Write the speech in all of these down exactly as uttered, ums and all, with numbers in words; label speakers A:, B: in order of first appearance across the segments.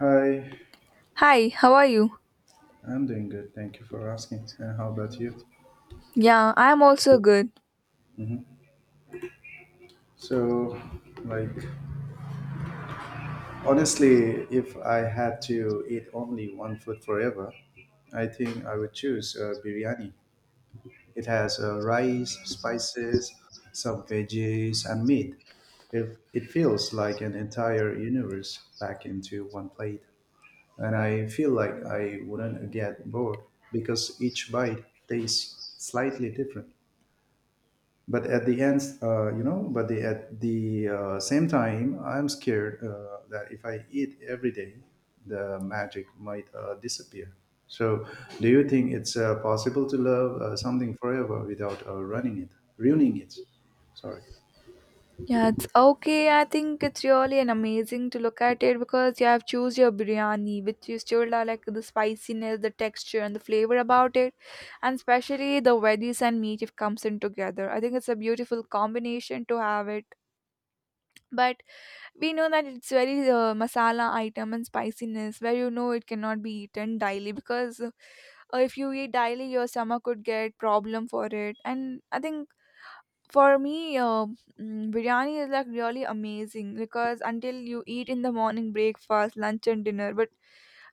A: Hi,
B: Hi, how are you?
A: I'm doing good. Thank you for asking. And how about you?
B: Yeah, I'm also good.
A: So, like, honestly, if I had to eat only one food forever, I think I would choose uh, biryani. It has uh, rice, spices, some veggies, and meat. It, it feels like an entire universe packed into one plate. And I feel like I wouldn't get bored because each bite tastes slightly different. But at the end, uh, you know but the, at the uh, same time I'm scared uh, that if I eat every day the magic might uh, disappear. So do you think it's uh, possible to love uh, something forever without uh, running it, ruining it? Sorry.
B: Yeah, it's okay. I think it's really an amazing to look at it because you have choose your biryani, which you still are like the spiciness, the texture, and the flavor about it, and especially the veggies and meat if comes in together. I think it's a beautiful combination to have it. But we know that it's very uh, masala item and spiciness where you know it cannot be eaten daily because uh, if you eat daily your stomach could get problem for it, and I think for me, uh, mm, biryani is like really amazing because until you eat in the morning, breakfast, lunch, and dinner, but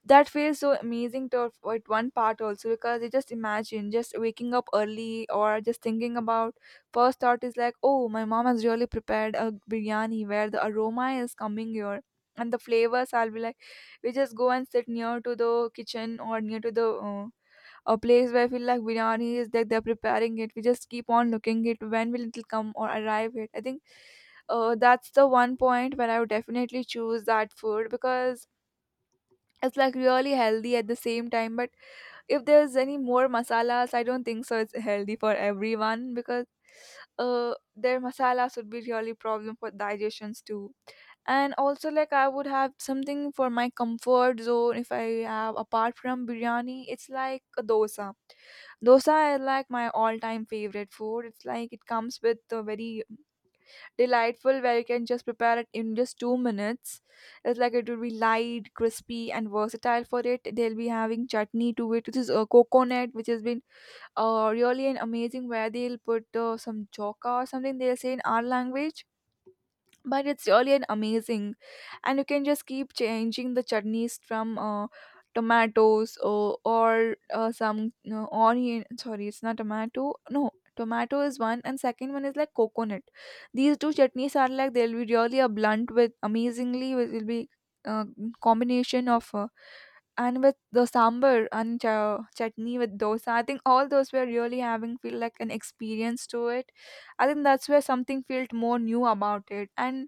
B: that feels so amazing to at one part also because you just imagine just waking up early or just thinking about first thought is like, oh, my mom has really prepared a biryani where the aroma is coming here. And the flavors, I'll be like, we just go and sit near to the kitchen or near to the uh, a place where I feel like biryani is like they're preparing it. We just keep on looking it when will it come or arrive it. I think uh, that's the one point where I would definitely choose that food because it's like really healthy at the same time. But if there's any more masalas, I don't think so. It's healthy for everyone because uh, their masalas would be really problem for digestions too, and also like I would have something for my comfort zone if I have apart from biryani, it's like a dosa dosa is like my all-time favorite food. It's like it comes with a very delightful where you can just prepare it in just two minutes. It's like it will be light, crispy, and versatile for it. They'll be having chutney to it, which is a coconut, which has been uh, really an amazing where they'll put uh, some joka or something they'll say in our language, but it's really an amazing. And you can just keep changing the chutneys from uh, tomatoes or, or uh, some no, onion, sorry, it's not tomato, no, tomato is one and second one is like coconut. These two chutneys are like they'll be really a blunt with amazingly with- will be uh, combination of uh, and with the sambar and cha- chutney with dosa. I think all those were really having feel like an experience to it. I think that's where something felt more new about it. And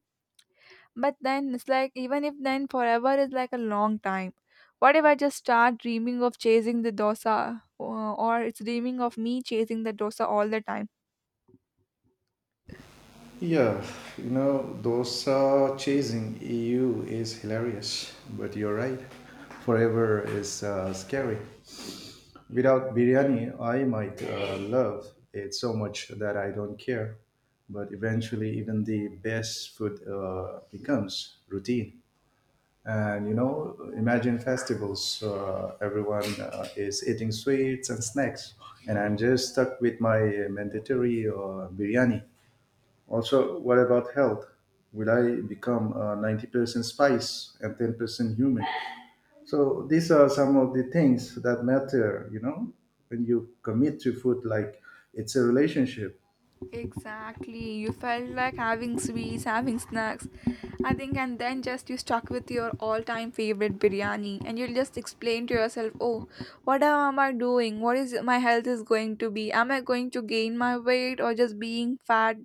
B: but then it's like, even if then forever is like a long time. What if I just start dreaming of chasing the dosa, uh, or it's dreaming of me chasing the dosa all the time?
A: Yeah, you know, dosa chasing eu is hilarious, but you're right. Forever is uh, scary. Without biryani, I might uh, love it so much that I don't care. But eventually, even the best food uh, becomes routine. And you know, imagine festivals. Uh, everyone uh, is eating sweets and snacks, and I'm just stuck with my mandatory uh, biryani. Also, what about health? Will I become uh, ninety percent spice and ten percent human? So these are some of the things that matter, you know, when you commit to food. Like, it's a relationship.
B: Exactly. You felt like having sweets, having snacks. I think, and then just you stuck with your all time favorite biryani, and you'll just explain to yourself, oh, what am I doing? What is my health is going to be? Am I going to gain my weight or just being fat?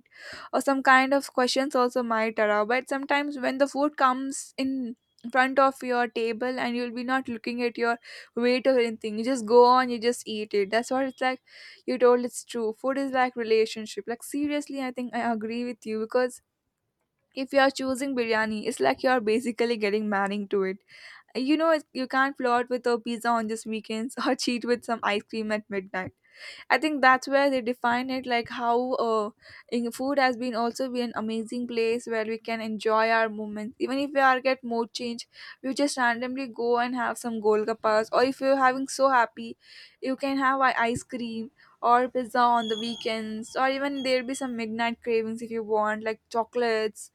B: Or some kind of questions also might arise. But sometimes when the food comes in front of your table and you'll be not looking at your weight or anything, you just go on, you just eat it. That's what it's like. You told it's true, food is like relationship. Like, seriously, I think I agree with you because if you are choosing biryani, it's like you are basically getting married to it. You know, it's- you can't flirt with a pizza on just weekends or cheat with some ice cream at midnight. I think that's where they define it, like how uh, in food has been also be an amazing place where we can enjoy our moments. Even if we are get mood change, you just randomly go and have some golgappas, or if you're having so happy, you can have i- ice cream or pizza on the weekends, or even there'll be some midnight cravings if you want, like chocolates.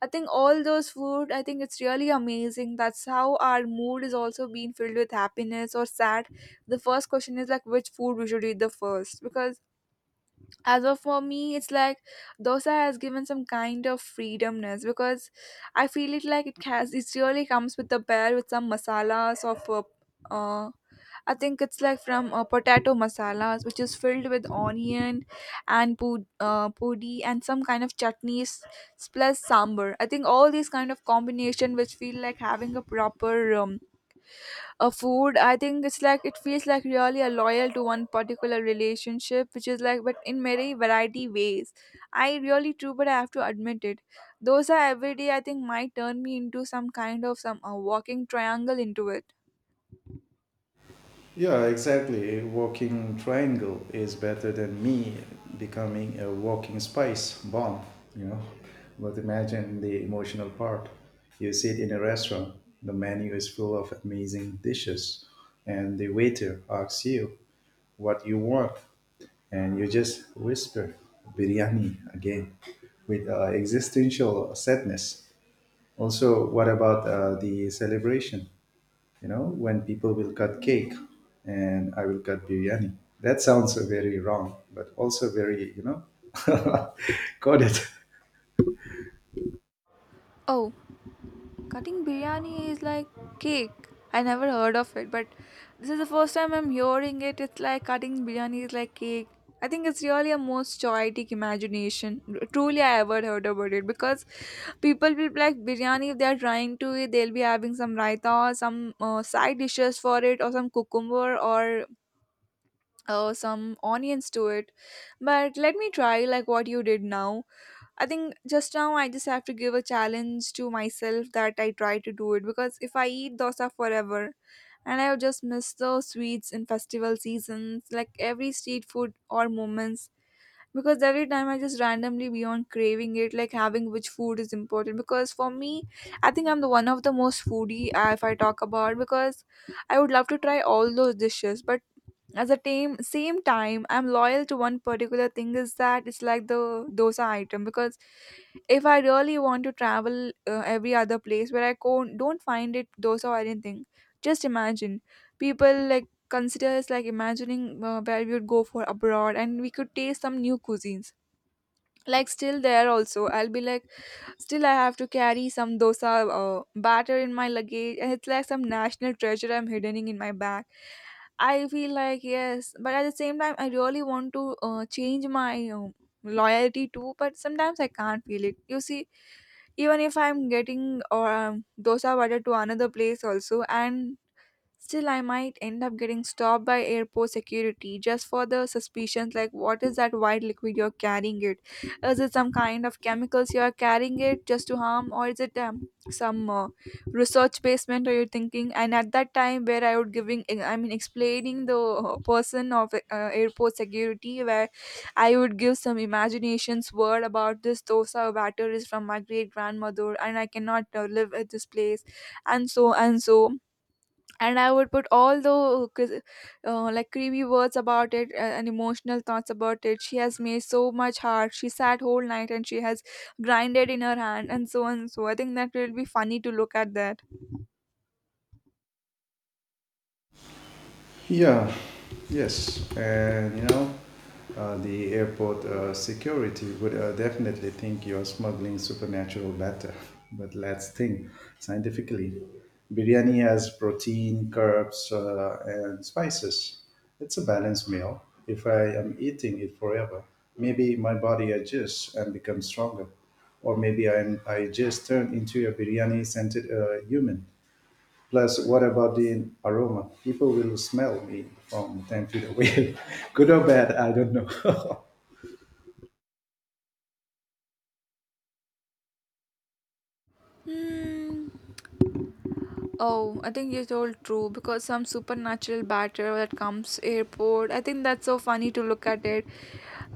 B: I think all those food, I think it's really amazing. That's how our mood is also being filled with happiness or sad. The first question is like which food we should eat the first. Because as of for me, it's like dosa has given some kind of freedomness because I feel it like it has it really comes with a pair with some masalas of uh, uh, I think it's like from uh, potato masalas, which is filled with onion and pud- uh, pudi and some kind of chutneys plus sambar. I think all these kind of combination which feel like having a proper um, a food. I think it's like it feels like really a loyal to one particular relationship, which is like but in many variety ways. I really true, but I have to admit it. Those are every day. I think might turn me into some kind of some uh, walking triangle into it.
A: Yeah, exactly. A walking triangle is better than me becoming a walking spice bomb, you know. But imagine the emotional part. You sit in a restaurant, the menu is full of amazing dishes, and the waiter asks you what you want, and you just whisper biryani again with uh, existential sadness. Also, what about uh, the celebration? You know, when people will cut cake and I will cut biryani. That sounds very wrong, but also very, you know, got it.
B: Oh. Cutting biryani is like cake. I never heard of it, but this is the first time I'm hearing it. It's like cutting biryani is like cake. I think it's really a most poetic imagination. Truly, I ever heard about it because people will like biryani if they are trying to eat. They'll be having some raita or some uh, side dishes for it, or some cucumber or uh, some onions to it. But let me try like what you did now. I think just now I just have to give a challenge to myself that I try to do it because if I eat dosa forever, and I would just miss the sweets in festival seasons, like every street food or moments. Because every time I just randomly be on craving it, like having which food is important. Because for me, I think I'm the one of the most foodie uh, if I talk about because I would love to try all those dishes, but at the time, same time I'm loyal to one particular thing is that it's like the dosa item because if I really want to travel uh, every other place where I go, don't find it dosa or anything. Just imagine people like consider us like imagining uh, where we would go for abroad and we could taste some new cuisines, like still there also I'll be like still, I have to carry some dosa uh, batter in my luggage, and it's like some national treasure I'm hidden in my bag. I feel like yes, but at the same time, I really want to uh, change my um loyalty too. But sometimes I can't feel it. You see, even if I'm getting or um, dosa butter to another place also, and still, I might end up getting stopped by airport security just for the suspicions like, what is that white liquid you're carrying it? Is it some kind of chemicals you're carrying it just to harm, or is it um, some uh, research basement are you thinking? And at that time, where I would giving, eh, I mean, explaining the uh, person of uh, airport security, where I would give some imaginations word about this dosa batter is from my great grandmother, and I cannot uh, live at this place, and so and so, and I would put all the cr- uh, like creepy words about it uh, and emotional thoughts about it. She has made so much hard, she sat whole night, and she has grinded in her hand and so on. So I think that will be funny to look at that.
A: Yeah, yes, and you know, uh, the airport uh, security would uh, definitely think you're smuggling supernatural batter. But let's think scientifically. Biryani has protein, carbs, uh, and spices. It's a balanced meal. If I am eating it forever, maybe my body adjusts and becomes stronger, or maybe I'm, I just turn into a biryani-scented uh, human. Plus, what about the aroma? People will smell me from ten feet away. Good or bad, I don't know.
B: Hmm. Oh, I think you told true because some supernatural batter that comes airport. I think that's so funny to look at it.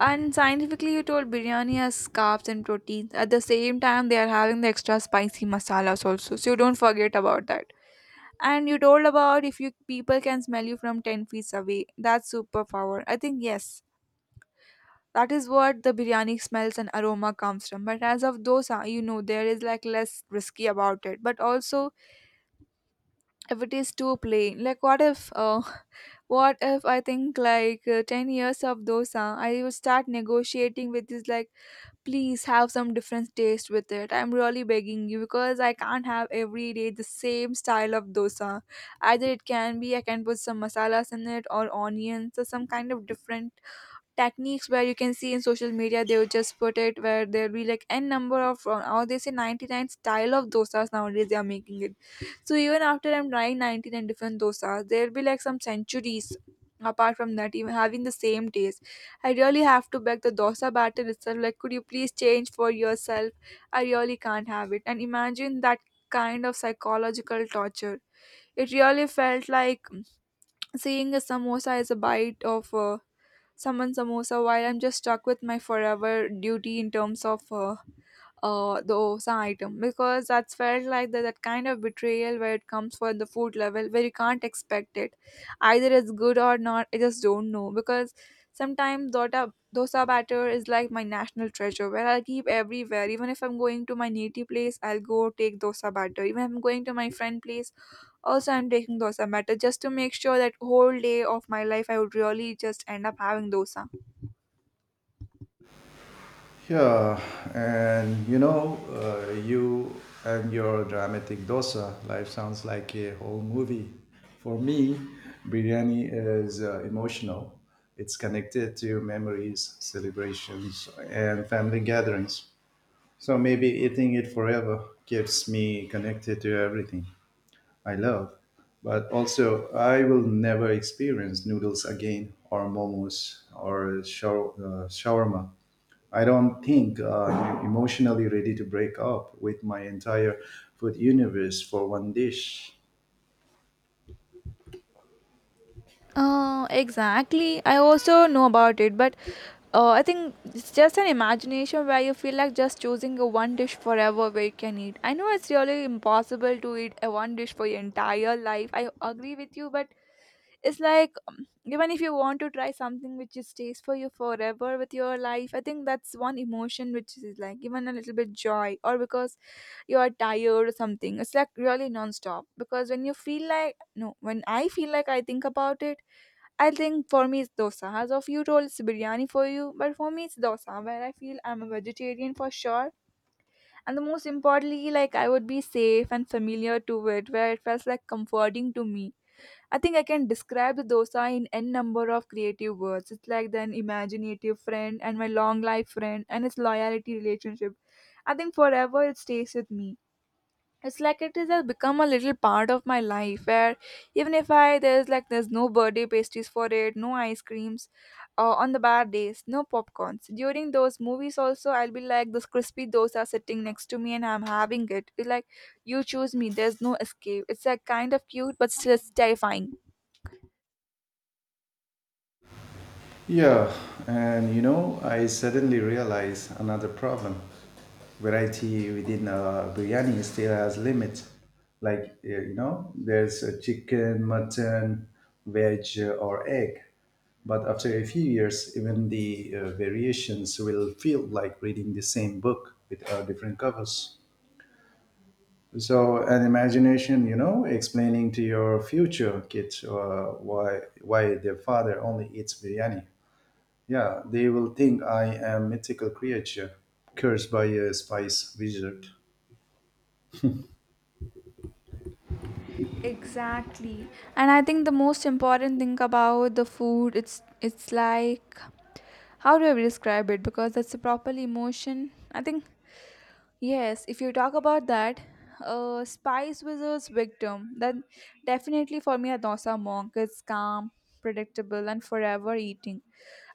B: And scientifically, you told biryani has carbs and proteins. At the same time, they are having the extra spicy masalas also. So you don't forget about that. And you told about if you people can smell you from ten feet away. That's superpower. I think yes. That is what the biryani smells and aroma comes from. But as of dosa, you know, there is like less risky about it. But also, if it is too plain, like what if, uh, what if I think like uh, ten years of dosa, I would start negotiating with this like please have some different taste with it. I'm really begging you because I can't have every day the same style of dosa. Either it can be I can put some masalas in it or onions or some kind of different techniques where you can see in social media they would just put it where there'll be like n number of uh, or they say ninety-nine style of dosas nowadays they are making it. So even after I'm trying ninety-nine different dosas, there'll be like some centuries apart from that, even having the same taste. I really have to beg the dosa batter itself like, could you please change for yourself? I really can't have it. And imagine that kind of psychological torture. It really felt like seeing a samosa as a bite of uh, someone samosa while I'm just stuck with my forever duty in terms of uh, uh, the osa item, because that's felt like that, that kind of betrayal where it comes for the food level where you can't expect it. Either it's good or not, I just don't know, because sometimes dosa dosa batter is like my national treasure where I'll keep everywhere. Even if I'm going to my native place, I'll go take dosa batter. Even if I'm going to my friend place also, I'm taking dosa batter just to make sure that whole day of my life I would really just end up having dosa.
A: Yeah, and you know, uh, you and your dramatic dosa, life sounds like a whole movie. For me, biryani is uh, emotional. It's connected to memories, celebrations, and family gatherings. So maybe eating it forever keeps me connected to everything I love. But also, I will never experience noodles again, or momos, or shaw- uh, shawarma. I don't think uh, I'm emotionally ready to break up with my entire food universe for one dish.
B: Uh, exactly. I also know about it, but uh, I think it's just an imagination where you feel like just choosing a one dish forever where you can eat. I know it's really impossible to eat a one dish for your entire life. I agree with you, but it's like um, even if you want to try something which just stays for you forever with your life, I think that's one emotion which is like even a little bit joy, or because you are tired or something. It's like really non-stop, because when you feel like no, when I feel like I think about it, I think for me it's dosa. As of you told, it's biryani for you, but for me it's dosa, where I feel I'm a vegetarian for sure. And the most importantly, like, I would be safe and familiar to it, where it feels like comforting to me. I think I can describe the dosa in n number of creative words. It's like an imaginative friend and my long life friend and its loyalty relationship. I think forever it stays with me. It's like it is has become a little part of my life where even if I there's like there's no birthday pastries for it, no ice creams, uh, on the bad days no popcorns during those movies. Also, I'll be like this crispy dosa sitting next to me and I'm having it. It's like, you choose me, there's no escape. It's like kind of cute, but still it's terrifying.
A: Yeah, and you know, I suddenly realized another problem. Variety within a biryani still has limits. Like, uh, you know, there's a chicken, mutton, veg, uh, or egg. But after a few years, even the uh, variations will feel like reading the same book with uh, different covers. So, an imagination, you know, explaining to your future kids uh, why why their father only eats biryani. Yeah, they will think I am mythical creature cursed by a spice wizard.
B: Exactly. And I think the most important thing about the food, it's it's like, how do I describe it? Because that's a proper emotion, I think. Yes, if you talk about that, uh, Spice Wizard's victim, then definitely for me, Adosa Monk is calm, predictable, and forever eating.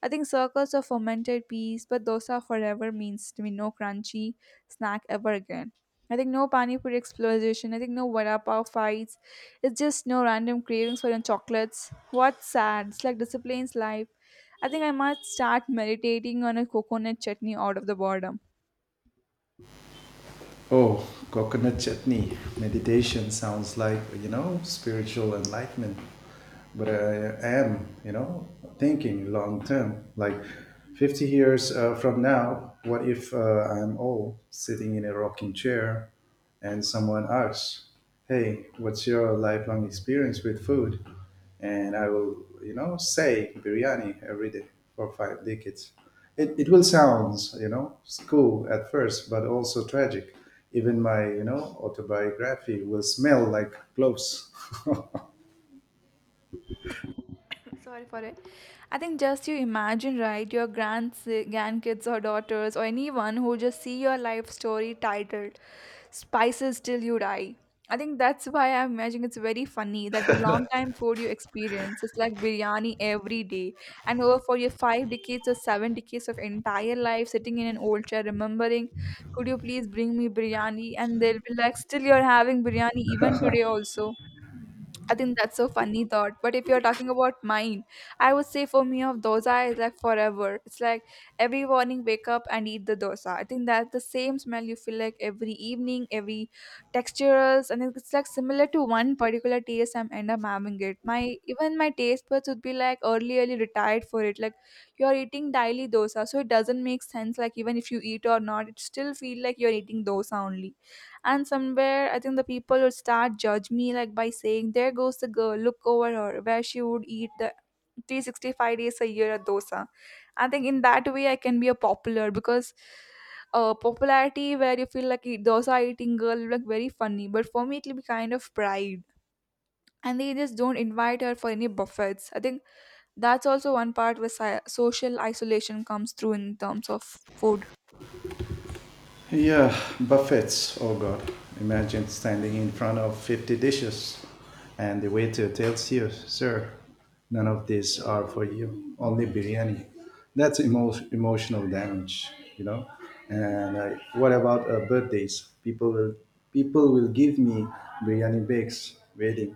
B: I think circles of fermented peas, but dosa forever means to me no crunchy snack ever again. I think no pani puri explosion. I think no vada pav fights. It's just no random cravings for your chocolates. What's sad? It's like discipline's life. I think I must start meditating on a coconut chutney out of the boredom.
A: Oh, coconut chutney meditation sounds like, you know, spiritual enlightenment. But I am, you know, thinking long term. Like, fifty years uh, from now, what if uh, I'm old, sitting in a rocking chair, and someone asks, hey, what's your lifelong experience with food? And I will, you know, say biryani every day for five decades. It, it will sound, you know, cool at first, but also tragic. Even my, you know, autobiography will smell like cloves.
B: Sorry for it. I think just you imagine, right, your grand grandkids or daughters or anyone who just see your life story titled "Spices Till You Die." I think that's why I'm imagining it's very funny that the long time food you experience is like biryani every day, and over for your five decades or seven decades of entire life sitting in an old chair remembering, could you please bring me biryani? And they'll be like, still you're having biryani even today also. I think that's so funny thought. But if you're talking about mine, I would say for me of dosa is like forever. It's like every morning wake up and eat the dosa. I think that's the same smell you feel like every evening, every textures, and it's like similar to one particular taste I'm end up having it. My even my taste buds would be like early, early retired for it. Like you're eating daily dosa, so it doesn't make sense. Like even if you eat or not, it still feel like you're eating dosa only. And somewhere I think the people would start judge me like by saying there goes the girl, look over her, where she would eat the three sixty-five days a year at dosa. I think in that way I can be a popular, because uh, popularity where you feel like eat dosa eating girl, like very funny, but for me it will be kind of pride. And they just don't invite her for any buffets, I think. That's also one part where si- social isolation comes through in terms of food.
A: Yeah, buffets. Oh God, imagine standing in front of fifty dishes and the waiter tells you, sir, none of these are for you, only biryani. That's emo- emotional damage, you know. And uh, what about uh, birthdays? People will, people will give me biryani bakes, wedding.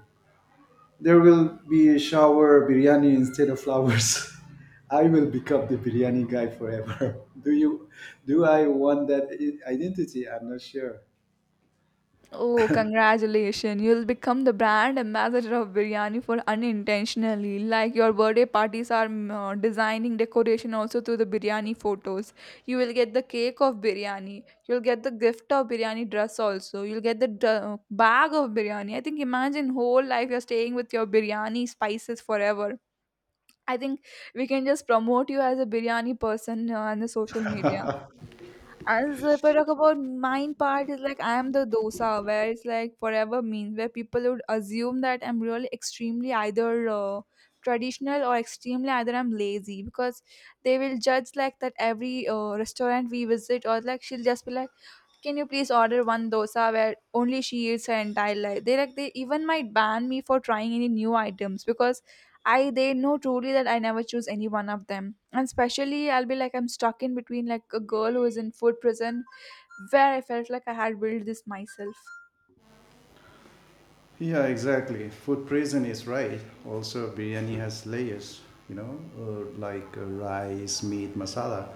A: There will be a shower biryani instead of flowers. I will become the biryani guy forever. Do you? Do I want that i- identity? I'm not sure.
B: Oh, congratulations. You'll become the brand ambassador of biryani for unintentionally. Like your birthday parties are mm, uh, designing decoration also through the biryani photos. You will get the cake of biryani. You'll get the gift of biryani dress also. You'll get the dr- bag of biryani. I think imagine whole life you're staying with your biryani spices forever. I think we can just promote you as a biryani person uh, on the social media. As if I talk about mine part is like, I am the dosa where it's like forever means, where people would assume that I'm really extremely either uh, traditional or extremely either I'm lazy, because they will judge like that every uh, restaurant we visit. Or like, she'll just be like, can you please order one dosa, where only she eats her entire life. They like, they even might ban me for trying any new items, because I they know truly that I never choose any one of them. And especially I'll be like I'm stuck in between like a girl who is in food prison, where I felt like I had built this myself.
A: Yeah, exactly. Food prison is right. Also, biryani has layers, you know, uh, like uh, rice, meat, masala.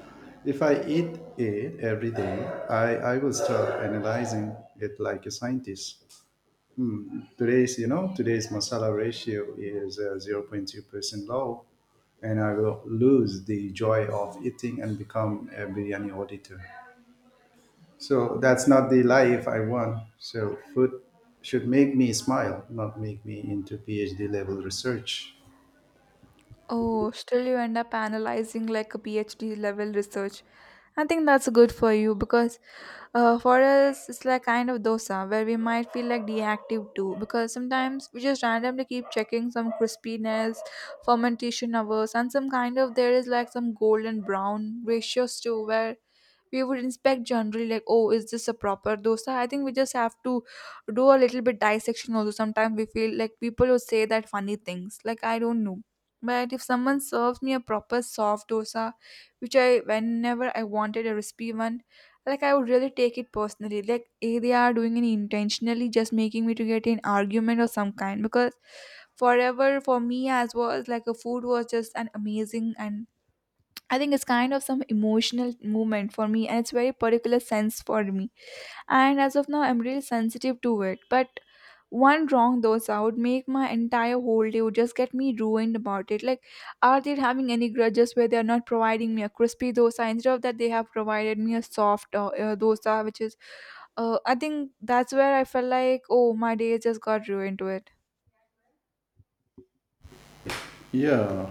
A: If I eat it every day, I, I will start analyzing it like a scientist. Today's, you know, today's masala ratio is uh, zero point two percent low, and I will lose the joy of eating and become a biryani auditor. So that's not the life I want. So food should make me smile, not make me into PhD level research.
B: Oh, still you end up analyzing like a PhD level research. I think that's good for you, because uh, for us, it's like kind of dosa where we might feel like deactive too, because sometimes we just randomly keep checking some crispiness, fermentation hours, and some kind of there is like some golden brown ratios too, where we would inspect generally like, oh, is this a proper dosa? I think we just have to do a little bit dissection also. Sometimes we feel like people would say that funny things like, I don't know. But if someone serves me a proper soft dosa, which I whenever I wanted a recipe one, like I would really take it personally. Like eh, they are doing it intentionally, just making me to get in argument or some kind. Because forever for me as was like a food was just an amazing. And I think it's kind of some emotional moment for me and it's very particular sense for me. And as of now, I'm really sensitive to it, but one wrong those out make my entire whole day would just get me ruined about it. Like, are they having any grudges where they are not providing me a crispy dosa? Instead of that they have provided me a soft uh, uh, dosa, which is uh, I think that's where I felt like, oh, my day just got ruined to it.
A: Yeah,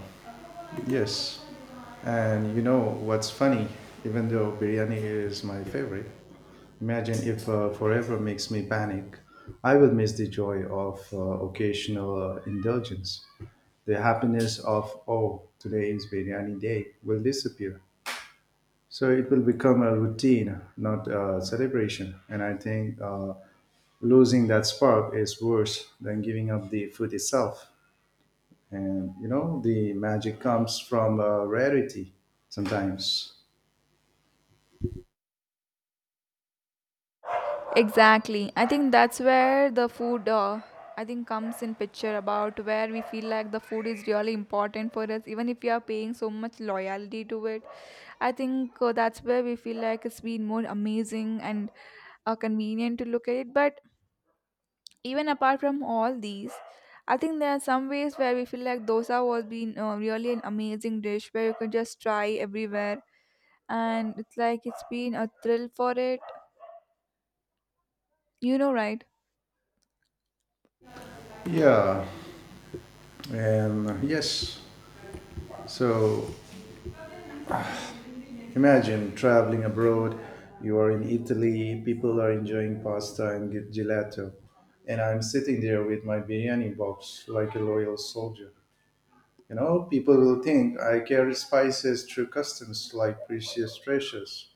A: yes. And you know what's funny? Even though biryani is my favorite, imagine if uh, forever makes me panic. I will miss the joy of uh, occasional uh, indulgence. The happiness of, oh, today is biryani day, will disappear. So it will become a routine, not a celebration. And I think uh, losing that spark is worse than giving up the food itself. And you know, the magic comes from uh, rarity sometimes.
B: Exactly. I think that's where the food uh, I think comes in picture about where we feel like the food is really important for us, even if we are paying so much loyalty to it. I think uh, that's where we feel like it's been more amazing and uh, convenient to look at it. But even apart from all these, I think there are some ways where we feel like dosa was been uh, really an amazing dish where you could just try everywhere, and it's like it's been a thrill for it. You know, right?
A: Yeah, and uh, yes. So imagine traveling abroad. You are in Italy, people are enjoying pasta and ge- gelato, and I'm sitting there with my biryani box like a loyal soldier. You know, people will think I carry spices through customs like precious treasures.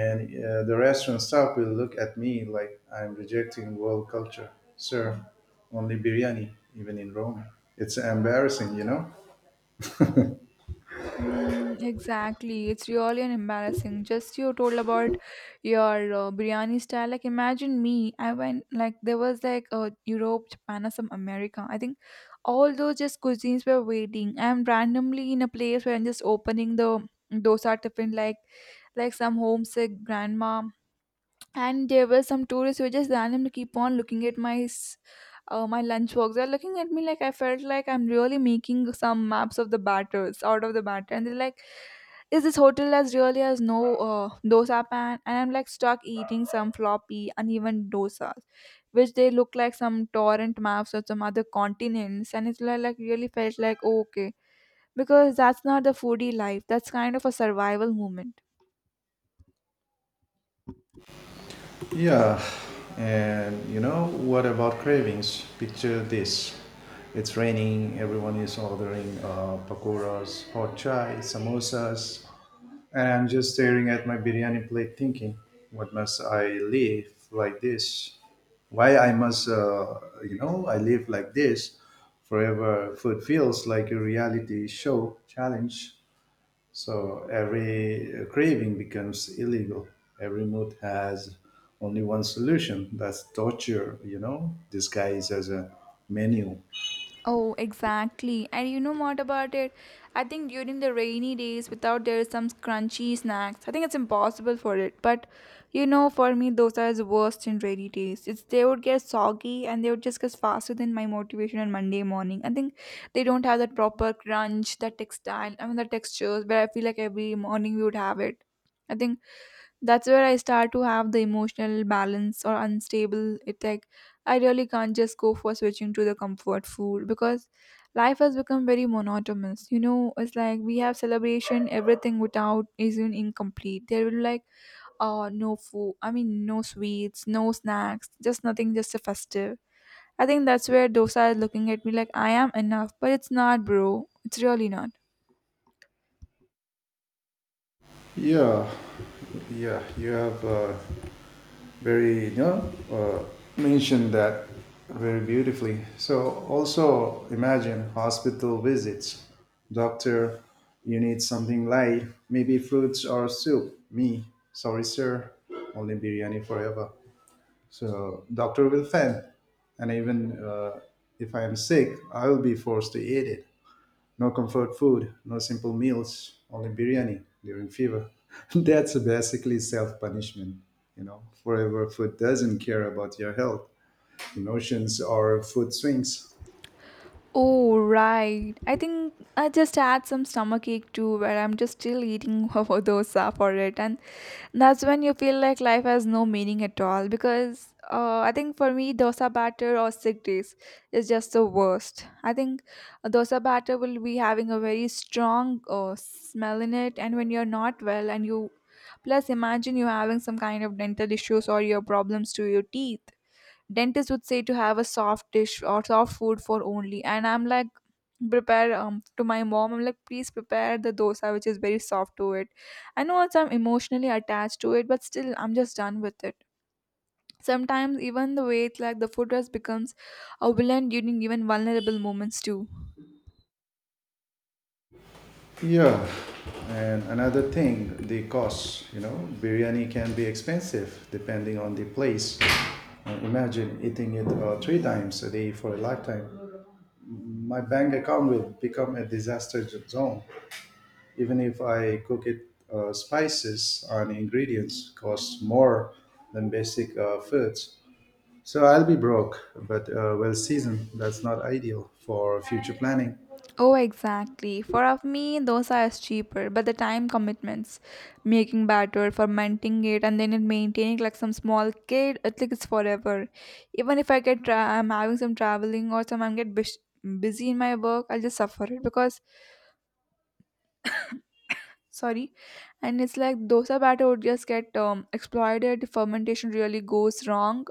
A: And uh, the restaurant staff will look at me like I'm rejecting world culture. Sir, only biryani, even in Rome. It's embarrassing, you know?
B: Mm, exactly. It's really an embarrassing. Just you told about your uh, biryani style. Like imagine me. I went like there was like uh, Europe, Japan, or some America. I think all those just cuisines were waiting. I'm randomly in a place where I'm just opening the dosa tiffin like like some homesick grandma. And there were some tourists who were just randomly keep on looking at my uh, my lunchbox. They're looking at me like, I felt like I'm really making some maps of the batters out of the batter, and they're like, "Is this hotel as really as no uh, dosa pan?" And I'm like stuck eating some floppy, uneven dosas, which they look like some torrent maps of some other continents, and it's like, like really felt like, oh, okay, because that's not the foodie life. That's kind of a survival moment.
A: Yeah. And you know, what about cravings? Picture this. It's raining, everyone is ordering uh, pakoras, hot chai, samosas, and I'm just staring at my biryani plate thinking, what must I live like this? Why I must, uh, you know, I live like this forever. Food feels like a reality show challenge. So every craving becomes illegal. Every mood has only one solution. That's torture, you know, disguised as a menu.
B: Oh, exactly. And you know what about it? I think during the rainy days, without there is some crunchy snacks, I think it's impossible for it. But you know, for me, those are the worst in rainy days. It's they would get soggy and they would just get faster than my motivation on Monday morning. I think they don't have that proper crunch, that textile, I mean, the textures where I feel like every morning we would have it. I think that's where I start to have the emotional balance or unstable. It's like I really can't just go for switching to the comfort food because life has become very monotonous. You know, it's like we have celebration, everything without is even incomplete. There will be like uh no food, I mean no sweets, no snacks, just nothing, just a festive. I think that's where dosa is looking at me like I am enough, but it's not bro. It's really not.
A: Yeah, yeah, you have uh, very, you know, uh, mentioned that very beautifully. So also imagine hospital visits. Doctor, you need something light, maybe fruits or soup me. Sorry sir, only biryani forever. So doctor will fail. And even uh, if I am sick, I will be forced to eat it. No comfort food, no simple meals, only biryani during fever. That's basically self punishment, you know. Forever food doesn't care about your health, emotions, or food swings.
B: Oh, right. I think I just had some stomach ache too, where I'm just still eating dosa for it. And that's when you feel like life has no meaning at all. Because uh, I think for me, dosa batter or sick days is just the worst. I think a dosa batter will be having a very strong uh, smell in it. And when you're not well, and you plus imagine you're having some kind of dental issues or your problems to your teeth, dentist would say to have a soft dish or soft food for only, and I'm like prepare um to my mom, I'm like please prepare the dosa which is very soft to it. I know it's I'm emotionally attached to it but still I'm just done with it. Sometimes even the way it's like the food has becomes a villain during even vulnerable moments too.
A: Yeah, and another thing, the cost. You know, biryani can be expensive depending on the place. Uh, imagine eating it uh, three times a day for a lifetime. My bank account will become a disaster zone. Even if I cook it, uh, spices and ingredients cost more than basic uh, foods. So I'll be broke, but uh, well seasoned. That's not ideal for future planning.
B: Oh, exactly. For of me, dosa is cheaper, but the time commitments, making batter, fermenting it, and then it maintaining like some small kid, it like it's forever. Even if I get, tra- I'm having some traveling or some I'm get bus- busy in my work, I'll just suffer it because sorry, and it's like dosa batter would just get um, exploited. Fermentation really goes wrong,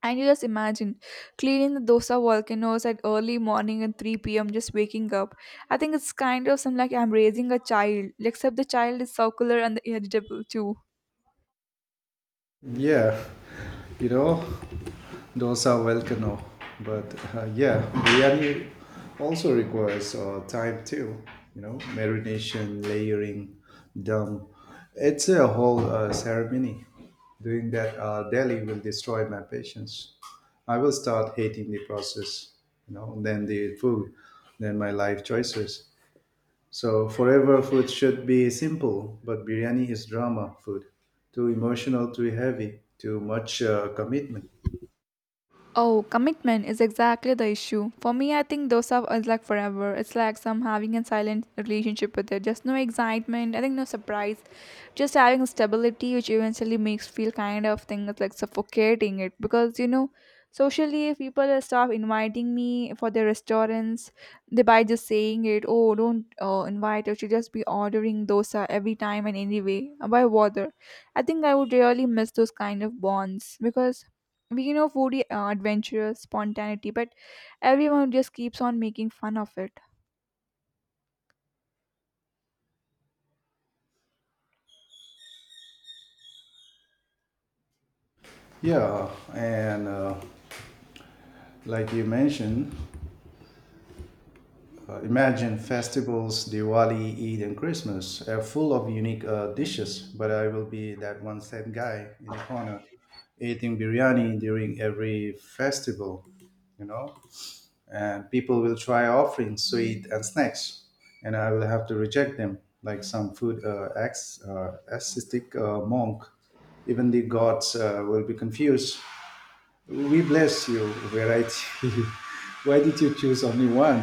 B: and you just imagine cleaning the dosa volcanoes at early morning and three p m just waking up. I think it's kind of some like I'm raising a child, except the child is circular and the edible too.
A: Yeah, you know, dosa volcano. But uh, yeah, biryani also requires uh, time too. You know, marination, layering, dum. It's a whole uh, ceremony. Doing that uh, daily will destroy my patience. I will start hating the process. You know, then the food, then my life choices. So forever food should be simple, but biryani is drama food. Too emotional, too heavy, too much uh, commitment.
B: Oh, commitment is exactly the issue. For me, I think those are is like forever. It's like some having a silent relationship with it. Just no excitement. I think no surprise. Just having stability, which eventually makes feel kind of thing is like suffocating it because you know, socially, if people start inviting me for their restaurants, they by just saying it. Oh, don't uh, invite. I should just be ordering dosa every time and anyway. Why bother? I think I would really miss those kind of bonds because we you know foodie uh, adventurous spontaneity, but everyone just keeps on making fun of it.
A: Yeah, and uh, like you mentioned, uh, imagine festivals, Diwali, Eid, and Christmas are full of unique uh, dishes, but I will be that one sad guy in the corner eating biryani during every festival, you know? And people will try offering sweet and snacks, and I will have to reject them like some food uh, ex, uh, ascetic uh, monk. Even the gods uh, will be confused. We bless you, variety. Why did you choose only one?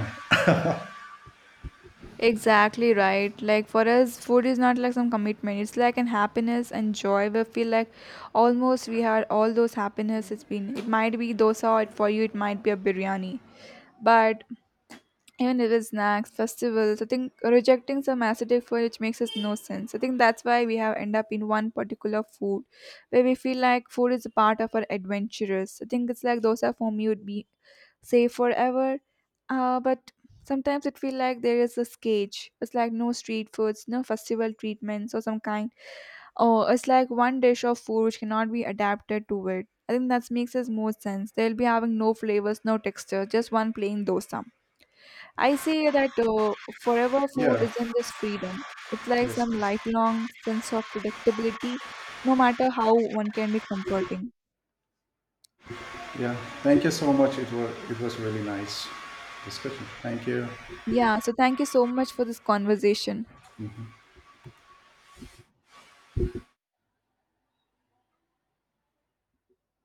B: Exactly right, like for us food is not like some commitment, it's like an happiness and joy we feel like almost we had all those happiness, it's been it might be dosa or for you it might be a biryani, but even if it's snacks, festivals, I think rejecting some acidic food which makes us no sense. I think that's why we have end up in one particular food where we feel like food is a part of our adventurous. I think it's like dosa for me would be safe forever. Uh, but sometimes it feel like there is this cage. It's like no street foods, no festival treatments or some kind. Oh, it's like one dish of food which cannot be adapted to it. I think that makes us more sense. They'll be having no flavors, no texture, just one plain dosa. I say that uh, forever food
A: Yeah,
B: isn't just freedom. It's like
A: yes,
B: some
A: yes.
B: lifelong sense of predictability, no matter how one can be comforting.
A: Yeah. Thank you so much. It was it was really nice discussion. Thank you.
B: Yeah, so thank you so much for this conversation.